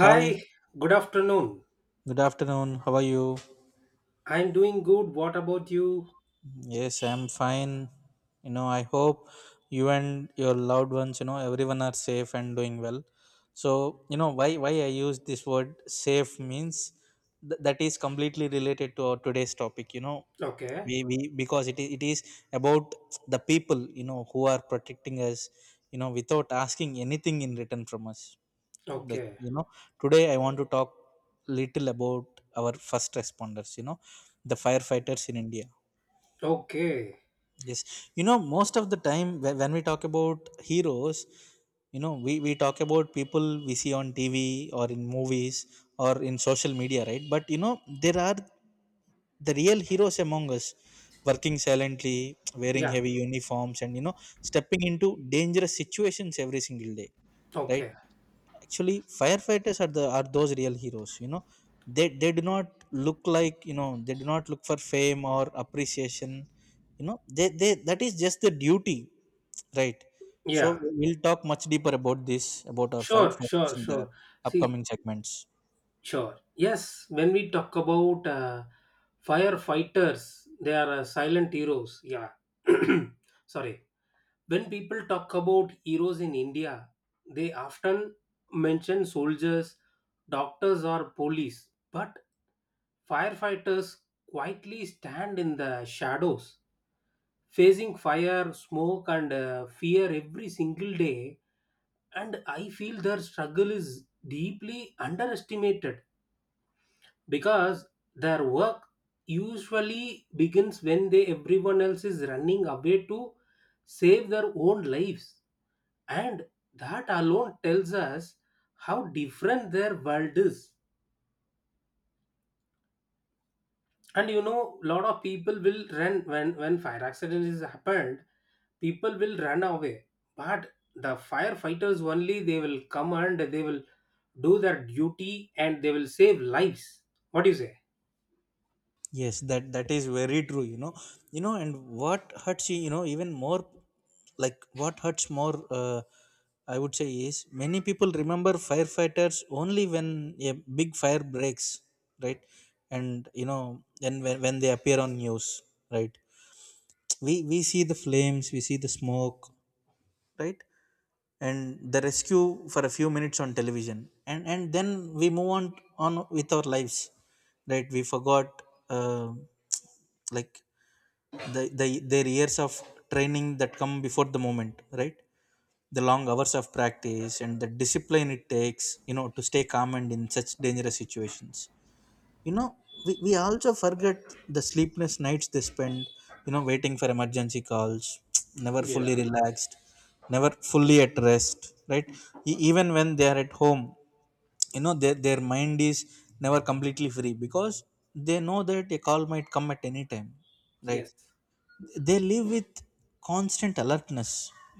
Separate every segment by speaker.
Speaker 1: Hi,
Speaker 2: Hi, good afternoon.
Speaker 1: good afternoon. How are you?
Speaker 2: I'm doing good. What about you?
Speaker 1: Yes, I'm fine. I hope you and your loved ones, everyone are safe and doing well. So, why I use this word safe means that is completely related to our today's topic.
Speaker 2: Okay,
Speaker 1: We, because it is about the people, who are protecting us, without asking anything in return from us. Like,
Speaker 2: okay,
Speaker 1: today I want to talk little about our first responders, the firefighters in India.
Speaker 2: okay.
Speaker 1: Yes, most of the time, when we talk about heroes, we talk about people we see on TV or in movies or in social media, right? But, there are the real heroes among us, working silently, wearing
Speaker 2: Yeah,
Speaker 1: heavy uniforms and, stepping into dangerous situations every single day, right?
Speaker 2: okay.
Speaker 1: Actually, firefighters are the are those real heroes, they do not look like, they do not look for fame or appreciation, they that is just the duty, right? So
Speaker 2: Yeah,
Speaker 1: we'll talk much deeper about this, about our
Speaker 2: sure,
Speaker 1: fighters
Speaker 2: sure,
Speaker 1: in the
Speaker 2: sure.
Speaker 1: upcoming
Speaker 2: See,
Speaker 1: segments.
Speaker 2: sure. Yes, when we talk about firefighters, they are silent heroes. Yeah. Sorry. When people talk about heroes in India, they often mention soldiers, doctors, or police. But firefighters quietly stand in the shadows, facing fire, smoke, and fear every single day. And I feel their struggle is deeply underestimated because their work usually begins when they everyone else is running away to save their own lives, and that alone tells us how different their world is. And lot of people will run when fire accident is happened, people will run away. But the firefighters only they will come, and they will do their duty and they will save lives. What do you say?
Speaker 1: Yes, that is very true. And what hurts you, even more, like, what hurts more, I would say, is many people remember firefighters only when a big fire breaks, right? And, when they appear on news, right? We see the flames, we see the smoke, right? And the rescue for a few minutes on television, and then we move on with our lives, right? We forgot, uh, like, their years of training that come before the moment, right? The long hours of practice and the discipline it takes, to stay calm and in such dangerous situations. you know we also forget the sleepless nights they spend, waiting for emergency calls, never fully
Speaker 2: Yeah.
Speaker 1: relaxed, never fully at rest, right? Even when they are at home, their mind is never completely free, because they know that a call might come at any time, right?
Speaker 2: Yes.
Speaker 1: They live with constant alertness,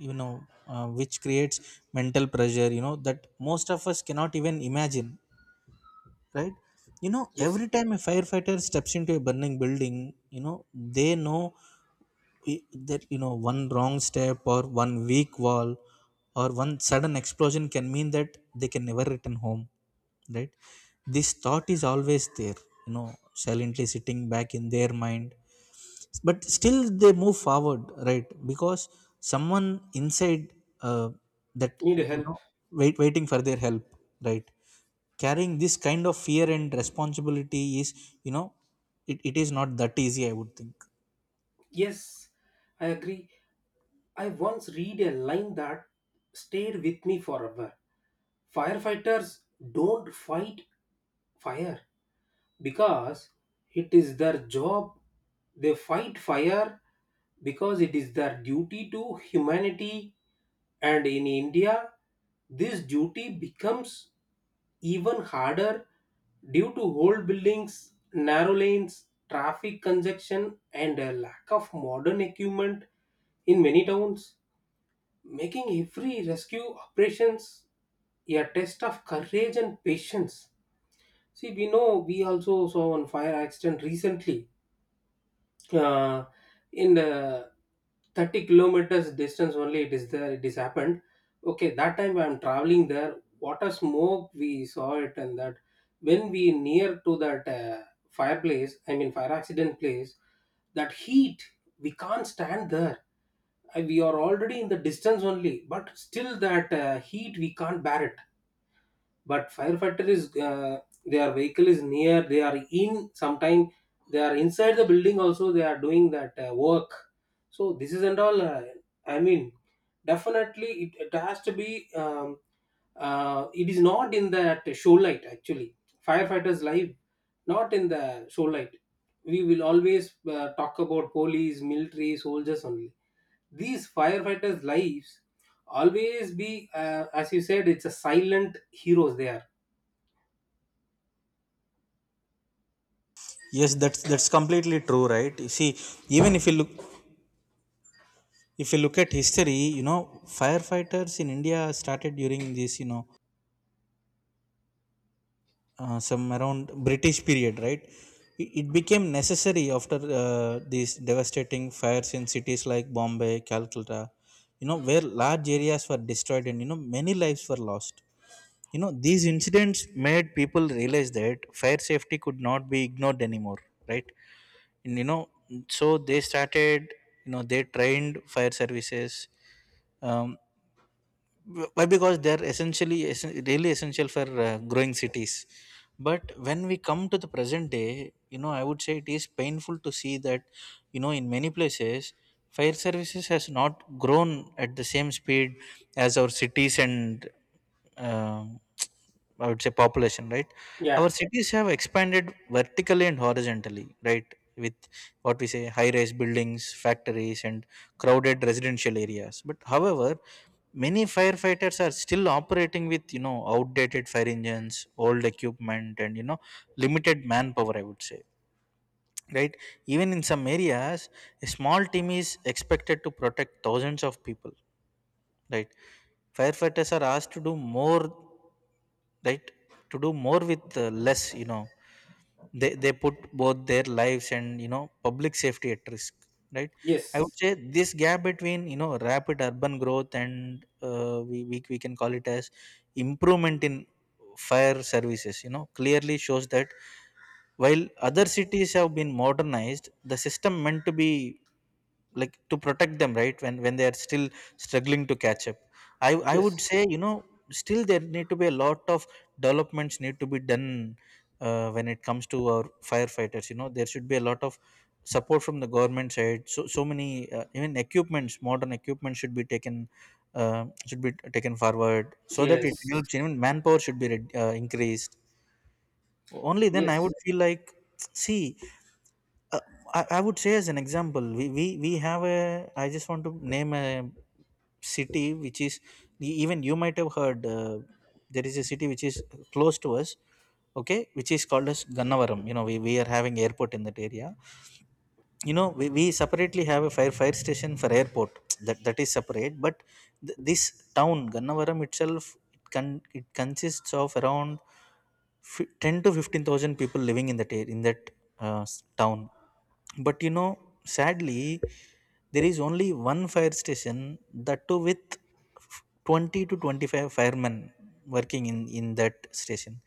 Speaker 1: you know which creates mental pressure, that most of us cannot even imagine, right?
Speaker 2: Yes.
Speaker 1: Every time a firefighter steps into a burning building, you know they know, i- that, one wrong step or one weak wall or one sudden explosion can mean that they can never return home, right? This thought is always there, you know silently sitting back in their mind, but still they move forward, right? Because someone inside, uh, that,
Speaker 2: Need
Speaker 1: you
Speaker 2: help.
Speaker 1: know waiting for their help, right? Carrying this kind of fear and responsibility is, you know it is not that easy, I would think.
Speaker 2: Yes, I agree. I once read a line that stayed with me forever. Firefighters don't fight fire because it is their job, they fight fire because it is their duty to humanity. And in India, this duty becomes even harder due to old buildings, narrow lanes, traffic congestion and a lack of modern equipment in many towns, making every rescue operations a test of courage and patience. See, we know we also saw one fire accident recently. Uh, in the 30 kilometers distance only, it is there. It is happened. Okay, that time I'm traveling there. What a smoke we saw it, and that when we near to that fireplace, I mean fire accident place, that heat we can't stand there. We are already in the distance only, but still that heat we can't bear it. But firefighter is their vehicle is near, they are in sometime they are inside the building also, they are doing that work. So this is and all I mean, definitely it has to be it is not in that show light actually. Firefighters life, not in the show light. We will always talk about police, military, soldiers only. These firefighters lives always be, as you said, it's a silent heroes there.
Speaker 1: Yes, that's completely true, right? You see, even if you look, at history, firefighters in India started during this, some around British period, right? It became necessary after, these devastating fires in cities like Bombay, Calcutta, where large areas were destroyed, and, many lives were lost. These incidents made people realize that fire safety could not be ignored anymore, right? And, so they started, they trained fire services. Um, why? Because they're really essential for, growing cities. But when we come to the present day, I would say it is painful to see that, in many places fire services has not grown at the same speed as our cities and, uh, I would say, population, right?
Speaker 2: Yeah.
Speaker 1: Our cities have expanded vertically and horizontally, right, with what we say, high rise buildings, factories, and crowded residential areas, but however, many firefighters are still operating with, outdated fire engines, old equipment, and, limited manpower, I would say, right? Even in some areas, a small team is expected to protect thousands of people, right? Firefighters are asked to do more, right? To do more with, less, they put both their lives and, public safety at risk, right? I would
Speaker 2: Yes.
Speaker 1: say this gap between, rapid urban growth and, we can call it as improvement in fire services, clearly shows that, while other cities have been modernized, the system meant to be, like, to protect them, right? When they are still struggling to catch up, I would
Speaker 2: Yes.
Speaker 1: say. Still there need to be a lot of developments need to be done, when it comes to our firefighters. There should be a lot of support from the government side. So many, even equipments, modern equipment should be taken. Should be taken forward so that it
Speaker 2: Yes.
Speaker 1: helps. Even manpower should be increased. Only then I would
Speaker 2: Yes.
Speaker 1: feel like, see, uh, I would say, as an example, we have a I just want to name a city which is, even you might have heard, there is a city which is close to us, okay, which is called as Gannavaram. We are having airport in that area. We separately have a fire station for airport. That, is separate. But this town Gannavaram itself, it can, it consists of around, 10 to 15,000 people living in that, uh, s- town. But, sadly, there is only one fire station, that too with, f- 20 to 25 firemen working in that station.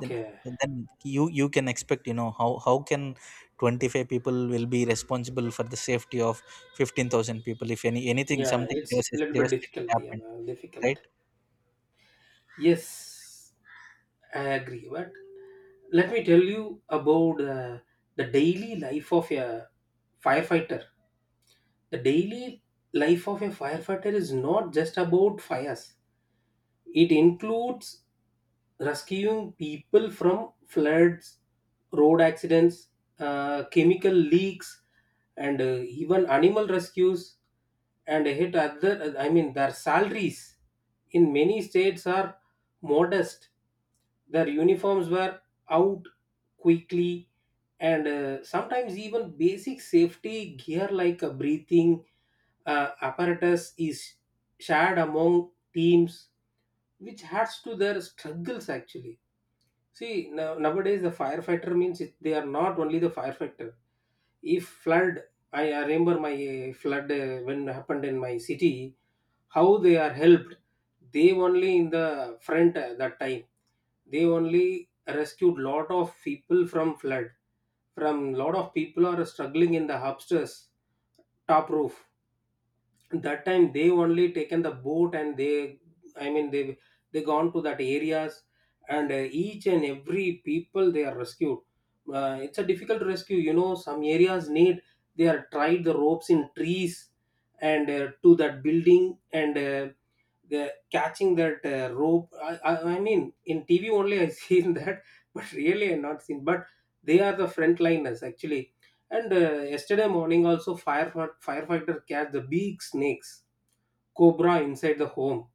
Speaker 1: Then And then you can expect, how can 25 people will be responsible for the safety of 15,000 people, if any anything
Speaker 2: Yeah.
Speaker 1: something
Speaker 2: It's a little bit
Speaker 1: devastating
Speaker 2: difficult. Yeah.
Speaker 1: happened, right?
Speaker 2: Difficult. Yes. I agree. But let me tell you about the daily life of a firefighter. The daily life of a firefighter is not just about fires. It includes rescuing people from floods, road accidents, chemical leaks, and even animal rescues. And hit other, I mean their salaries in many states are modest, their uniforms were out quickly, and sometimes even basic safety gear like a breathing apparatus is shared among teams, which adds to their struggles actually. See, now nowadays the firefighter means it, they are not only the firefighter. If flood, I remember my flood when happened in my city, how they are helped. They only in the front, that time they only rescued lot of people from flood. From lot of people are struggling in the upstairs, top roof, that time they only taken the boat and they I mean they gone to that areas. And each and every people they are rescued. It's a difficult rescue. You know some areas need, they are tied the ropes in trees and to that building, and the catching that rope, I mean in TV only I seen that, but really I not seen. But they are the frontliners actually. And yesterday morning, also firefighter catch the big snakes, cobra inside the home.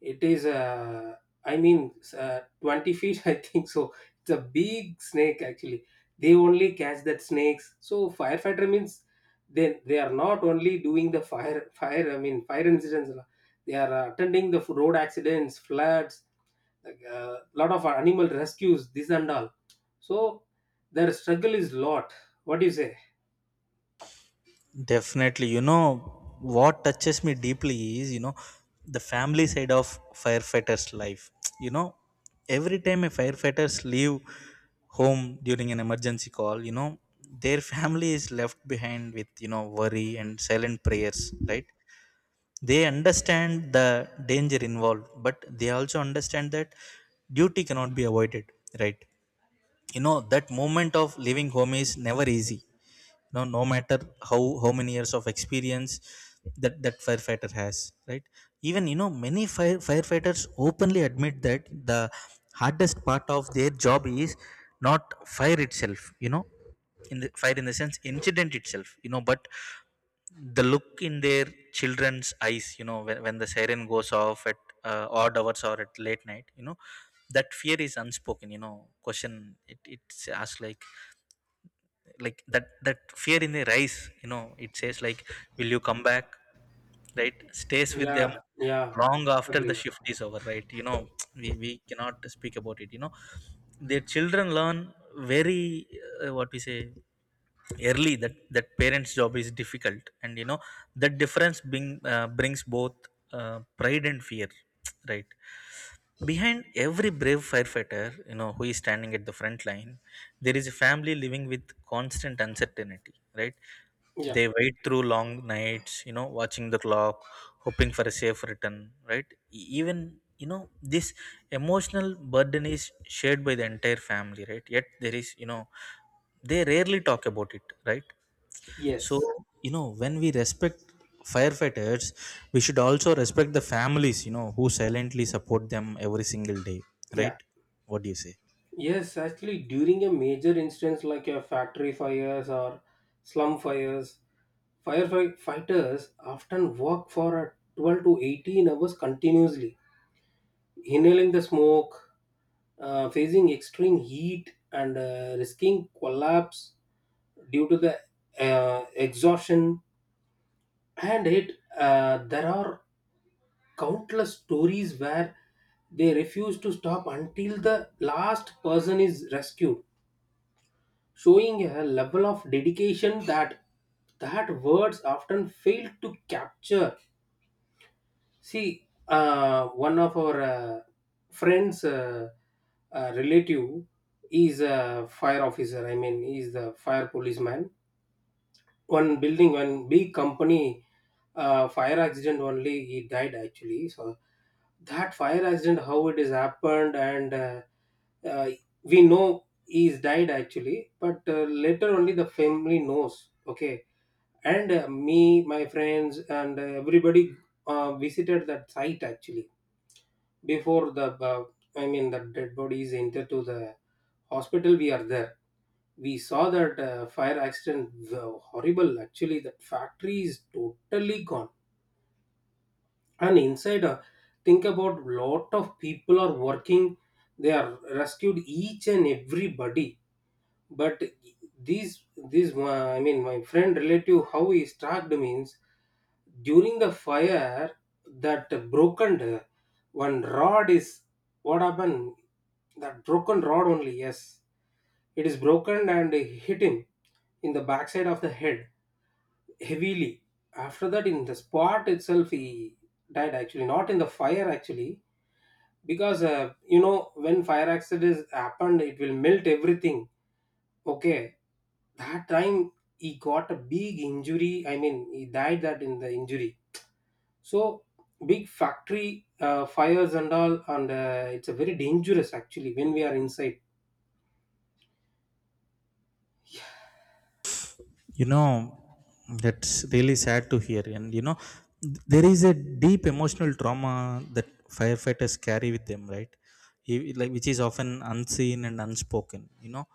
Speaker 2: It is, I mean, 20 feet, I think so. It's a big snake actually. They only catch that snakes. So firefighter means they are not only doing the fire. I mean fire incidents. They are attending the road accidents, floods, like a lot of animal rescues, this and all. So their struggle is lot. What do you say?
Speaker 1: Definitely, what touches me deeply is, the family side of firefighters life. you know every time a firefighters leave home during an emergency call, their family is left behind with, worry and silent prayers, right? They understand the danger involved, but they also understand that duty cannot be avoided, right? That moment of leaving home is never easy, no matter how many years of experience that firefighter has, right? Even, many firefighters openly admit that the hardest part of their job is not fire itself, in the fire, in the sense, incident itself, but the look in their children's eyes, when the siren goes off at, odd hours or at late night, that fear is unspoken, question, it's asked like, that fear in the rise, it says like, will you come back, right? Stays with them
Speaker 2: Yeah, yeah,
Speaker 1: long after the
Speaker 2: agree.
Speaker 1: shift is over, right? We cannot speak about it. Their children learn very, what we say, early, that parents job is difficult, and, that difference brings both, pride and fear. Right? Behind every brave firefighter, who is standing at the front line, there is a family living with constant uncertainty, right?
Speaker 2: Yeah,
Speaker 1: They wait through long nights, watching the clock, hoping for a safe return, right? Even, this emotional burden is shared by the entire family, right? Yet there is, you know, they rarely talk about it, right? So,
Speaker 2: yes,
Speaker 1: when we respect firefighters, we should also respect the families, who silently support them every single day, right?
Speaker 2: yeah,
Speaker 1: What do you say?
Speaker 2: yes. Actually, during a major instance like a factory fires or slum fires, firefighters often work for a 12 to 18 hours continuously, inhaling the smoke, facing extreme heat, and risking collapse due to the exhaustion. And it There are countless stories where they refuse to stop until the last person is rescued, showing a level of dedication that words often fail to capture. See, one of our friends' relative is a fire officer. I mean, he is the fire policeman. One building, one big company fire accident only he died actually. So that fire accident how it is happened, and uh, we know he is died actually, but later only the family knows okay. And me, my friends and everybody visited that site actually. Before the I mean the dead bodies enter to the hospital, we are there. We saw that fire accident. Wow, horrible actually. That factory is totally gone. And inside think about lot of people are working, they are rescued each and everybody. But these these my I mean my friend relative how he struck means, during the fire that broken one rod is, what happened, that broken rod only. Yes, it is broken and hit him in the backside of the head heavily. After that, in the spot itself he died actually, not in the fire actually. Because you know, when fire accidents happened it will melt everything. Okay, that time he got a big injury, I mean he died that in the injury. So big factory fires and all, and it's a very dangerous actually when we are inside.
Speaker 1: You know, that's really sad to hear. And, there is a deep emotional trauma that firefighters carry with them, right? Like, which is often unseen and unspoken.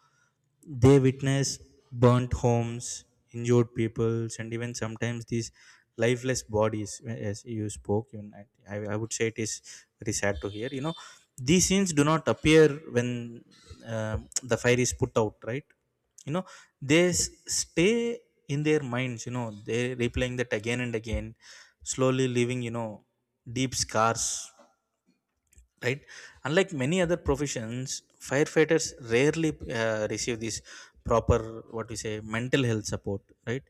Speaker 1: They witness burnt homes, injured people, and even sometimes these lifeless bodies, as you spoke. Even I would say it is very sad to hear. These scenes do not appear when, the fire is put out, right? You know, they stay in their minds. You know, they replaying that again and again, slowly leaving deep scars, right? Unlike many other professions, firefighters rarely receive this proper, what we say, mental health support, right?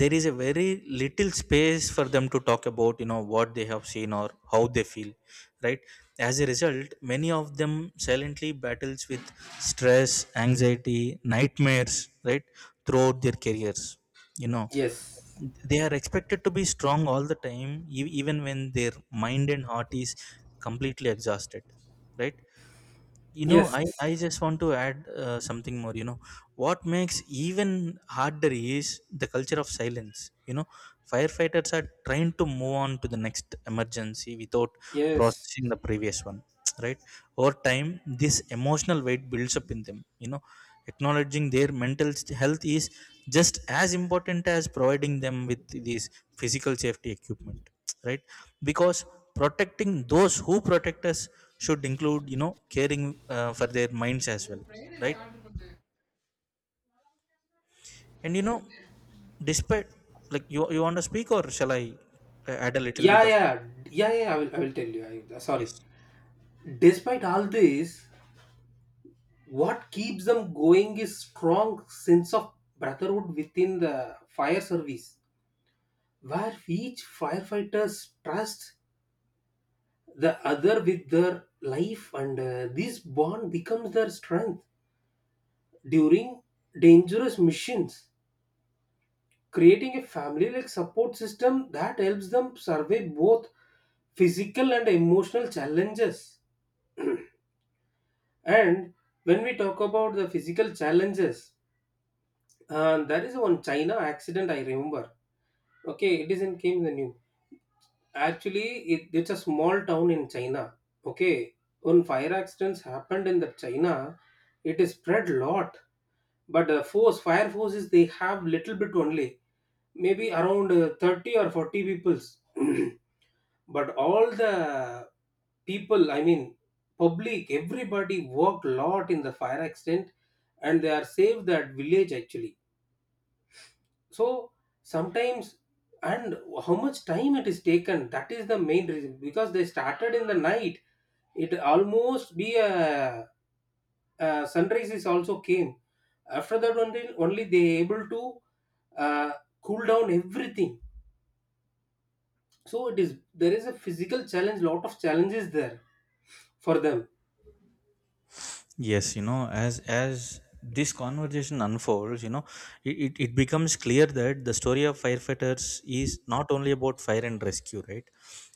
Speaker 1: There is a very little space for them to talk about, what they have seen or how they feel, right? As a result, many of them silently battles with stress, anxiety, nightmares, right, throughout their careers, you know
Speaker 2: Yes.
Speaker 1: they are expected to be strong all the time, even when their mind and heart is completely exhausted, right? You know, I
Speaker 2: Yes.
Speaker 1: just want to add something more, what makes even harder is the culture of silence, you know firefighters are trying to move on to the next emergency without
Speaker 2: Yes.
Speaker 1: processing the previous one. Right. Over time, this emotional weight builds up in them. Acknowledging their health is just as important as providing them with these physical safety equipment, right? Because protecting those who protect us should include, caring for their minds as well, right? And, despite, like, you want to speak or shall I add a little bit
Speaker 2: yeah
Speaker 1: of?
Speaker 2: yeah I will tell you. I, sorry.
Speaker 1: Yes.
Speaker 2: Despite all this, what keeps them going is strong sense of brotherhood within the fire service, where each firefighters trust the other with their life, and this bond becomes their strength during dangerous missions, creating a family like support system that helps them survive both physical and emotional challenges. And when we talk about the physical challenges, there is one China accident I remember. Okay, it is in came in the new. Actually it's a small town in China. Okay, when fire accidents happened in the China, it is spread lot. But force fire forces they have little bit only, maybe around 30 or 40 peoples. But all the people, I mean public, everybody worked lot in the fire accident, and they are saved that village actually. So sometimes, and how much time it is taken, that is the main reason. Because they started in the night, it almost be a sunrises also came. After that, only, only they able to uh, cool down everything. So it is, there is a physical challenge, lot of challenges there for them.
Speaker 1: Yes, you know, as this conversation unfolds, you know, it becomes clear that the story of firefighters is not only about fire and rescue, right?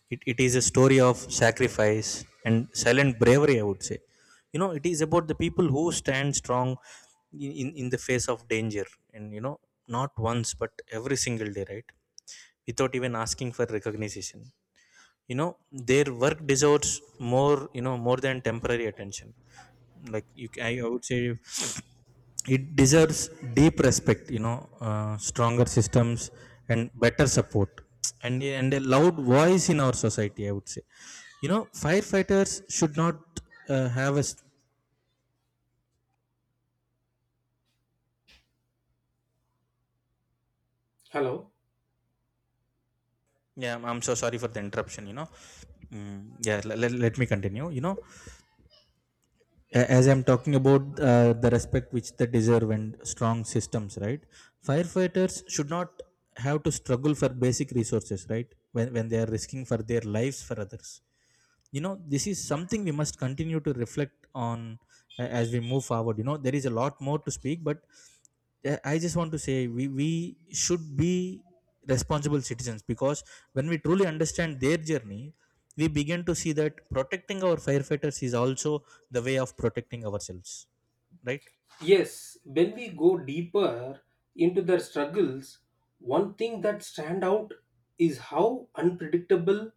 Speaker 1: It is a story of sacrifice and silent bravery, I would say. You know, it is about the people who stand strong in the face of danger and, you know, not once but every single day, right? Without even asking for recognition, you know, their work deserves more, you know, more than temporary attention, like, I would say it deserves deep respect, you know, stronger systems, and better support, and a loud voice in our society, I would say, you know. Firefighters should not have a s-.
Speaker 2: Hello.
Speaker 1: Yeah, I'm so sorry for the interruption, you know. Mm. Yeah, let me continue, you know, as I'm talking about the respect which they deserve and strong systems, right? Firefighters should not have to struggle for basic resources, right? When they are risking for their lives for others, you know, this is something we must continue to reflect on, as we move forward, you know. There is a lot more to speak, but I just want to say we should be responsible citizens, because when we truly understand their journey, we begin to see that protecting our firefighters is also the way of protecting ourselves, right?
Speaker 2: Yes, when we go deeper into their struggles, one thing that stand out is how unpredictable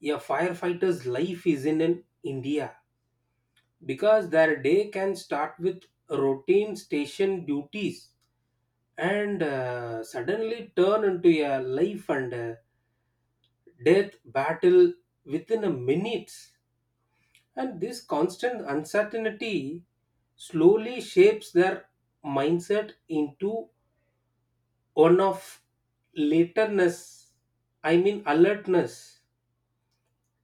Speaker 2: a firefighter's life is in an India, because their day can start with routine station duties and suddenly turn into a life and death battle within a minute. And this constant uncertainty slowly shapes their mindset into one of laterness, I mean alertness,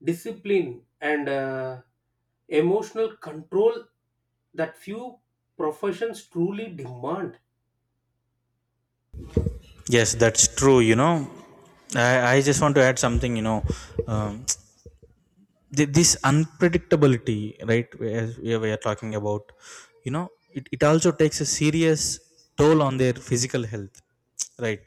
Speaker 2: discipline, and emotional control that few professions truly demand.
Speaker 1: Yes, that's true, you know, I just want to add something, you know. um, this unpredictability, right, as we are talking about, you know, it also takes a serious toll on their physical health, right?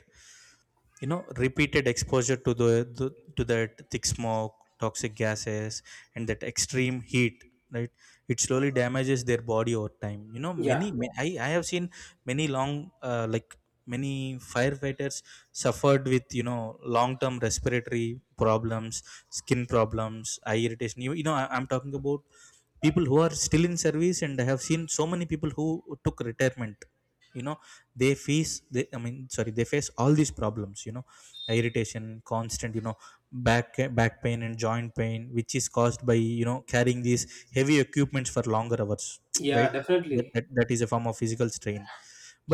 Speaker 1: You know, repeated exposure to the to that thick smoke, toxic gases, and that extreme heat, right, it slowly damages their body over time. You know,
Speaker 2: Yeah,
Speaker 1: I have seen many long, like, many firefighters suffered with, you know, long term respiratory problems, skin problems, eye irritation. You know, I'm talking about people who are still in service, and I have seen so many people who took retirement, you know. They face, they, I mean, sorry, they face all these problems, you know, irritation, constant, you know, back back pain and joint pain, which is caused by, you know, carrying these heavy equipments for longer hours, right.
Speaker 2: yeah,
Speaker 1: that,
Speaker 2: definitely.
Speaker 1: that, that is a form of physical strain.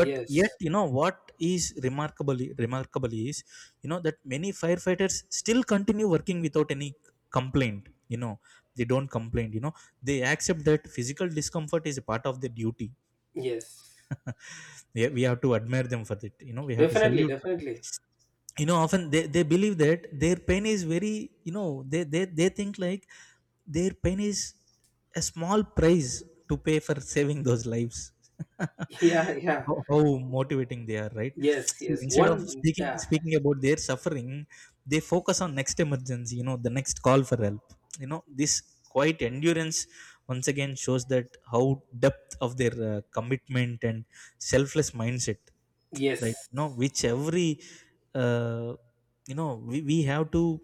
Speaker 1: But yet, you know, what is remarkably remarkable is, you know, that many firefighters still continue working without any complaint, you know. They don't complain, you know. They accept that physical discomfort is a part of their duty.
Speaker 2: yes.
Speaker 1: Yeah, we have to admire them for that. You know, we have to
Speaker 2: Definitely,
Speaker 1: salute for that.
Speaker 2: definitely.
Speaker 1: You know, often they believe that their pain is very, you know, they think like their pain is a small price to pay for saving those lives.
Speaker 2: Yeah, yeah.
Speaker 1: How motivating they are, right?
Speaker 2: Yes,
Speaker 1: See,
Speaker 2: yes.
Speaker 1: instead of
Speaker 2: One, yeah,
Speaker 1: speaking about their suffering, they focus on next emergency, you know, the next call for help, you know. This quiet endurance once again shows that how depth of their commitment and selfless mindset, right?
Speaker 2: yes.
Speaker 1: You know, which every uh, you know, we have to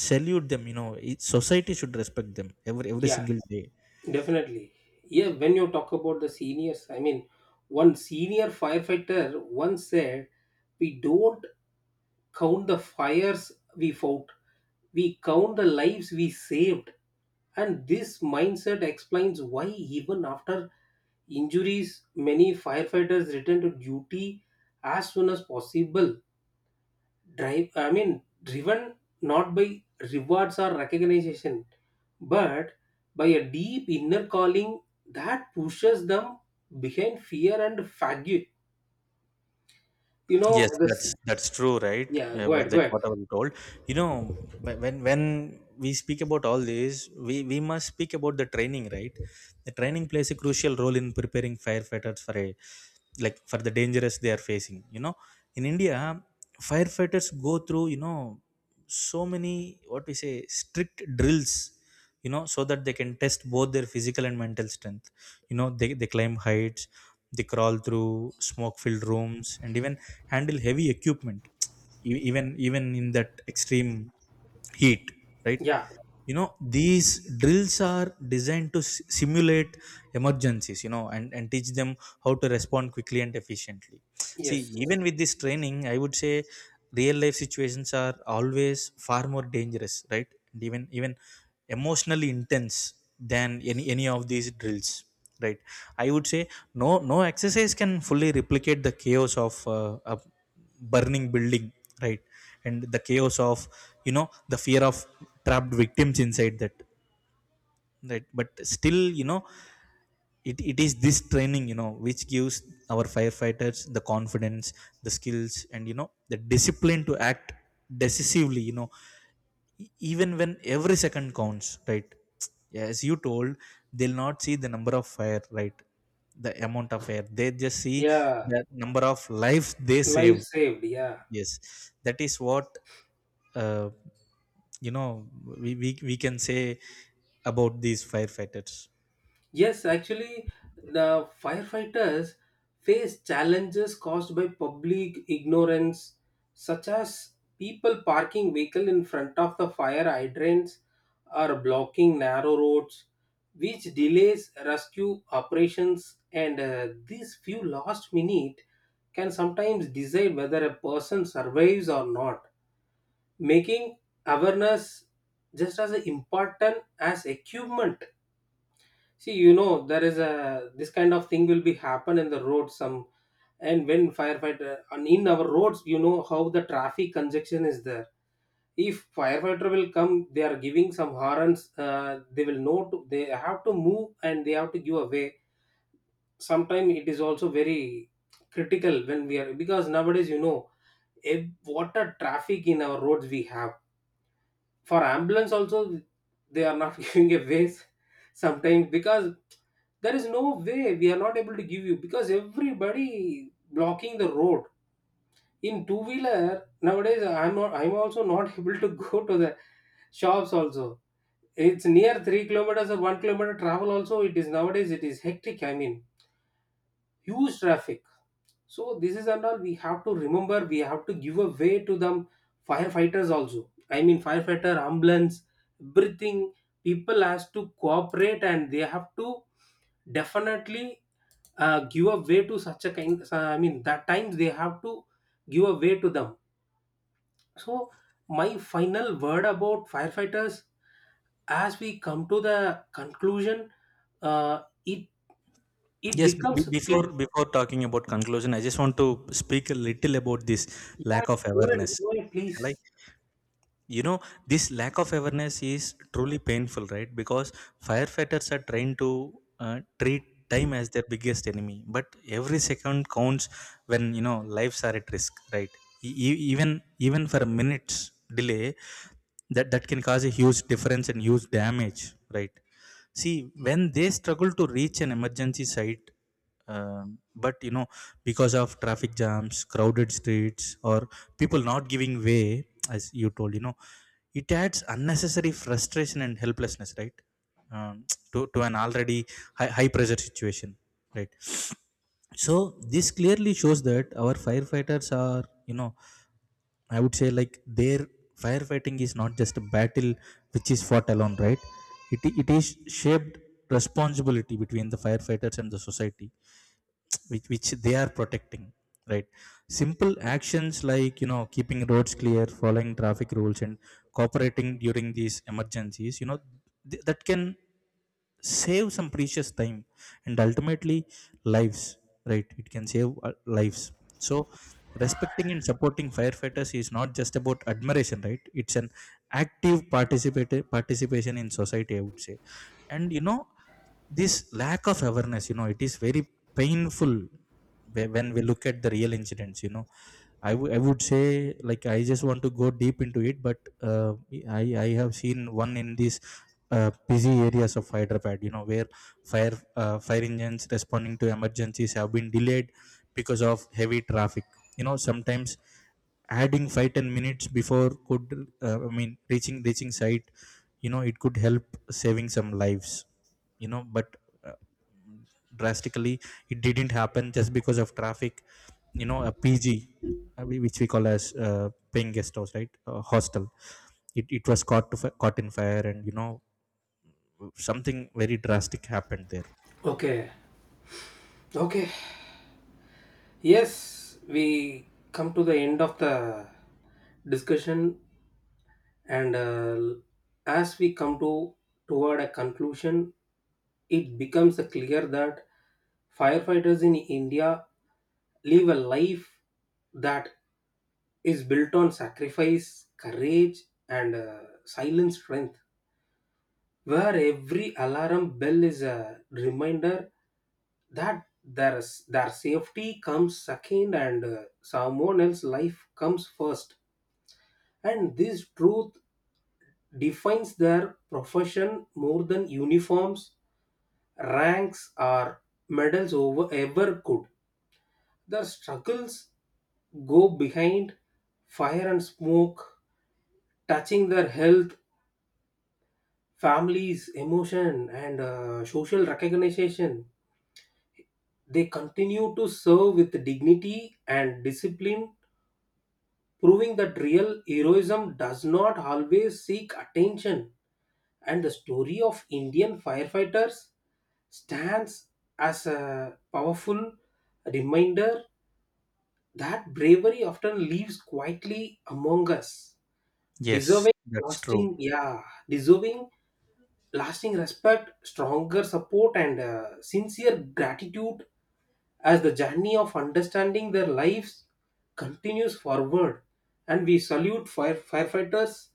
Speaker 1: salute them, you know, it, society should respect them every
Speaker 2: Yeah,
Speaker 1: single day.
Speaker 2: definitely. Yeah, when you talk about the seniors, I mean, one senior firefighter once said, we don't count the fires we fought, we count the lives we saved. And this mindset explains why, even after injuries, many firefighters return to duty as soon as possible, drive I mean driven not by rewards or recognition, but by a deep inner calling that pushes them behind fear and fatigue. You
Speaker 1: Yes,
Speaker 2: know this.
Speaker 1: that's true, right?
Speaker 2: Yeah, go ahead, go
Speaker 1: Like,
Speaker 2: ahead.
Speaker 1: whatever you told, you know, when we speak about all this, we must speak about the training, right? The training plays a crucial role in preparing firefighters for a, like, for the dangerous they are facing. You know, in India, firefighters go through, you know, so many, what we say, strict drills, you know, so that they can test both their physical and mental strength, you know. They climb heights, they crawl through smoke filled rooms, and even handle heavy equipment, even in that extreme heat, right?
Speaker 2: Yeah.
Speaker 1: You know, these drills are designed to simulate emergencies, you know, and teach them how to respond quickly and efficiently. See,
Speaker 2: Yes.
Speaker 1: even with this training, I would say real life situations are always far more dangerous, right, and even emotionally intense than any of these drills, right? I would say no exercise can fully replicate the chaos of a burning building, right, and the chaos of, you know, the fear of trapped victims inside that, right. But still, you know, it is this training, you know, which gives our firefighters the confidence, the skills, and, you know, the discipline to act decisively, you know, even when every second counts, right? As you told, they'll not see the number of fire, right, the amount of air, they just see
Speaker 2: Yeah.
Speaker 1: the number of lives they saved.
Speaker 2: Life saved, yeah.
Speaker 1: Yes, that is what, uh, you know, we can say about these firefighters.
Speaker 2: Yes, actually, the firefighters face challenges caused by public ignorance, such as people parking vehicle in front of the fire hydrants or blocking narrow roads, which delays rescue operations. And these few last minute can sometimes decide whether a person survives or not, making awareness just as important as equipment. See, you know, there is a this kind of thing will be happen in the road some, and when firefighter and in our roads, you know how the traffic congestion is there. If firefighter will come, they are giving some horns. They will know to, they have to move and they have to give away. Sometimes it is also very critical when we are, because nowadays you know a, what a traffic in our roads we have, for ambulance also they are not giving a ways sometimes, because there is no way, we are not able to give you because everybody blocking the road. In two wheeler nowadays I'm also not able to go to the shops also. It's near 3 kilometers or 1 kilometer travel also, it is nowadays it is hectic, I mean huge traffic. So this is and all we have to remember. We have to give a way to them, firefighters also. I mean firefighter, ambulance, everything. People has to cooperate, and they have to definitely give a way to such a kind. I mean that times they have to give a way to them. So my final word about firefighters, as we come to the conclusion, uh, it it
Speaker 1: Yes,
Speaker 2: becomes clear.
Speaker 1: before talking about conclusion, I just want to speak a little about this
Speaker 2: Yeah,
Speaker 1: lack of awareness.
Speaker 2: go ahead,
Speaker 1: Shall I?
Speaker 2: please.
Speaker 1: You know, this lack of awareness is truly painful, right? Because firefighters are trained to treat time as their biggest enemy, but every second counts when, you know, lives are at risk, right? Even for a minute's delay, that can cause a huge difference and huge damage, right? See, when they struggle to reach an emergency site, but, you know, because of traffic jams, crowded streets, or people not giving way, as you told, you know, it adds unnecessary frustration and helplessness, right? Um, to an already high pressure situation, right? So, this clearly shows that our firefighters are, you know, I would say, like, their firefighting is not just a battle which is fought alone, right? It is shaped responsibility between the firefighters and the society which they are protecting, right. Simple actions like, you know, keeping roads clear, following traffic rules, and cooperating during these emergencies, you know, that can save some precious time, and ultimately lives, right, it can save lives. So, respecting and supporting firefighters is not just about admiration, right, it's an active participate participation in society, I would say. And, you know, this lack of awareness, you know, it is very painful when we look at the real incidents, you know, I would say, like, I just want to go deep into it, but uh, I have seen one in these busy areas of Hyderabad, you know, where fire, fire engines responding to emergencies have been delayed because of heavy traffic, you know. Sometimes adding 5-10 minutes before could, I mean, reaching site, you know, it could help saving some lives, you know, but uh, drastically, it didn't happen just because of traffic. You know, a PG, which we call as paying guest house, right, hostel, it was caught to caught in fire, and, you know, something very drastic happened there.
Speaker 2: Okay. Okay. Yes, we come to the end of the discussion, and as we come to toward a conclusion, it becomes clear that firefighters in India live a life that is built on sacrifice, courage, and silent strength, where every alarm bell is a reminder that their safety comes second and someone else's life comes first. And this truth defines their profession more than uniforms, ranks or medals over ever could. Their struggles go behind fire and smoke, touching their health, families emotion and social recognition. They continue to serve with dignity and discipline, proving that real heroism does not always seek attention. And the story of Indian firefighters stands as a powerful reminder that bravery often lives quietly among us,
Speaker 1: Yes,
Speaker 2: deserving
Speaker 1: that's true.
Speaker 2: lasting, yeah, deserving lasting respect, stronger support, and sincere gratitude, as the journey of understanding their lives continues forward. And we salute firefighters'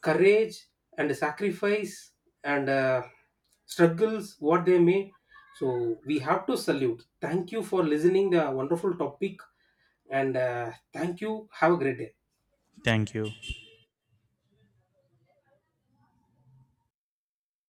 Speaker 2: courage and sacrifice and struggles, what they may. So we have to salute. Thank you for listening the wonderful topic, and thank you. Have a great day.
Speaker 1: You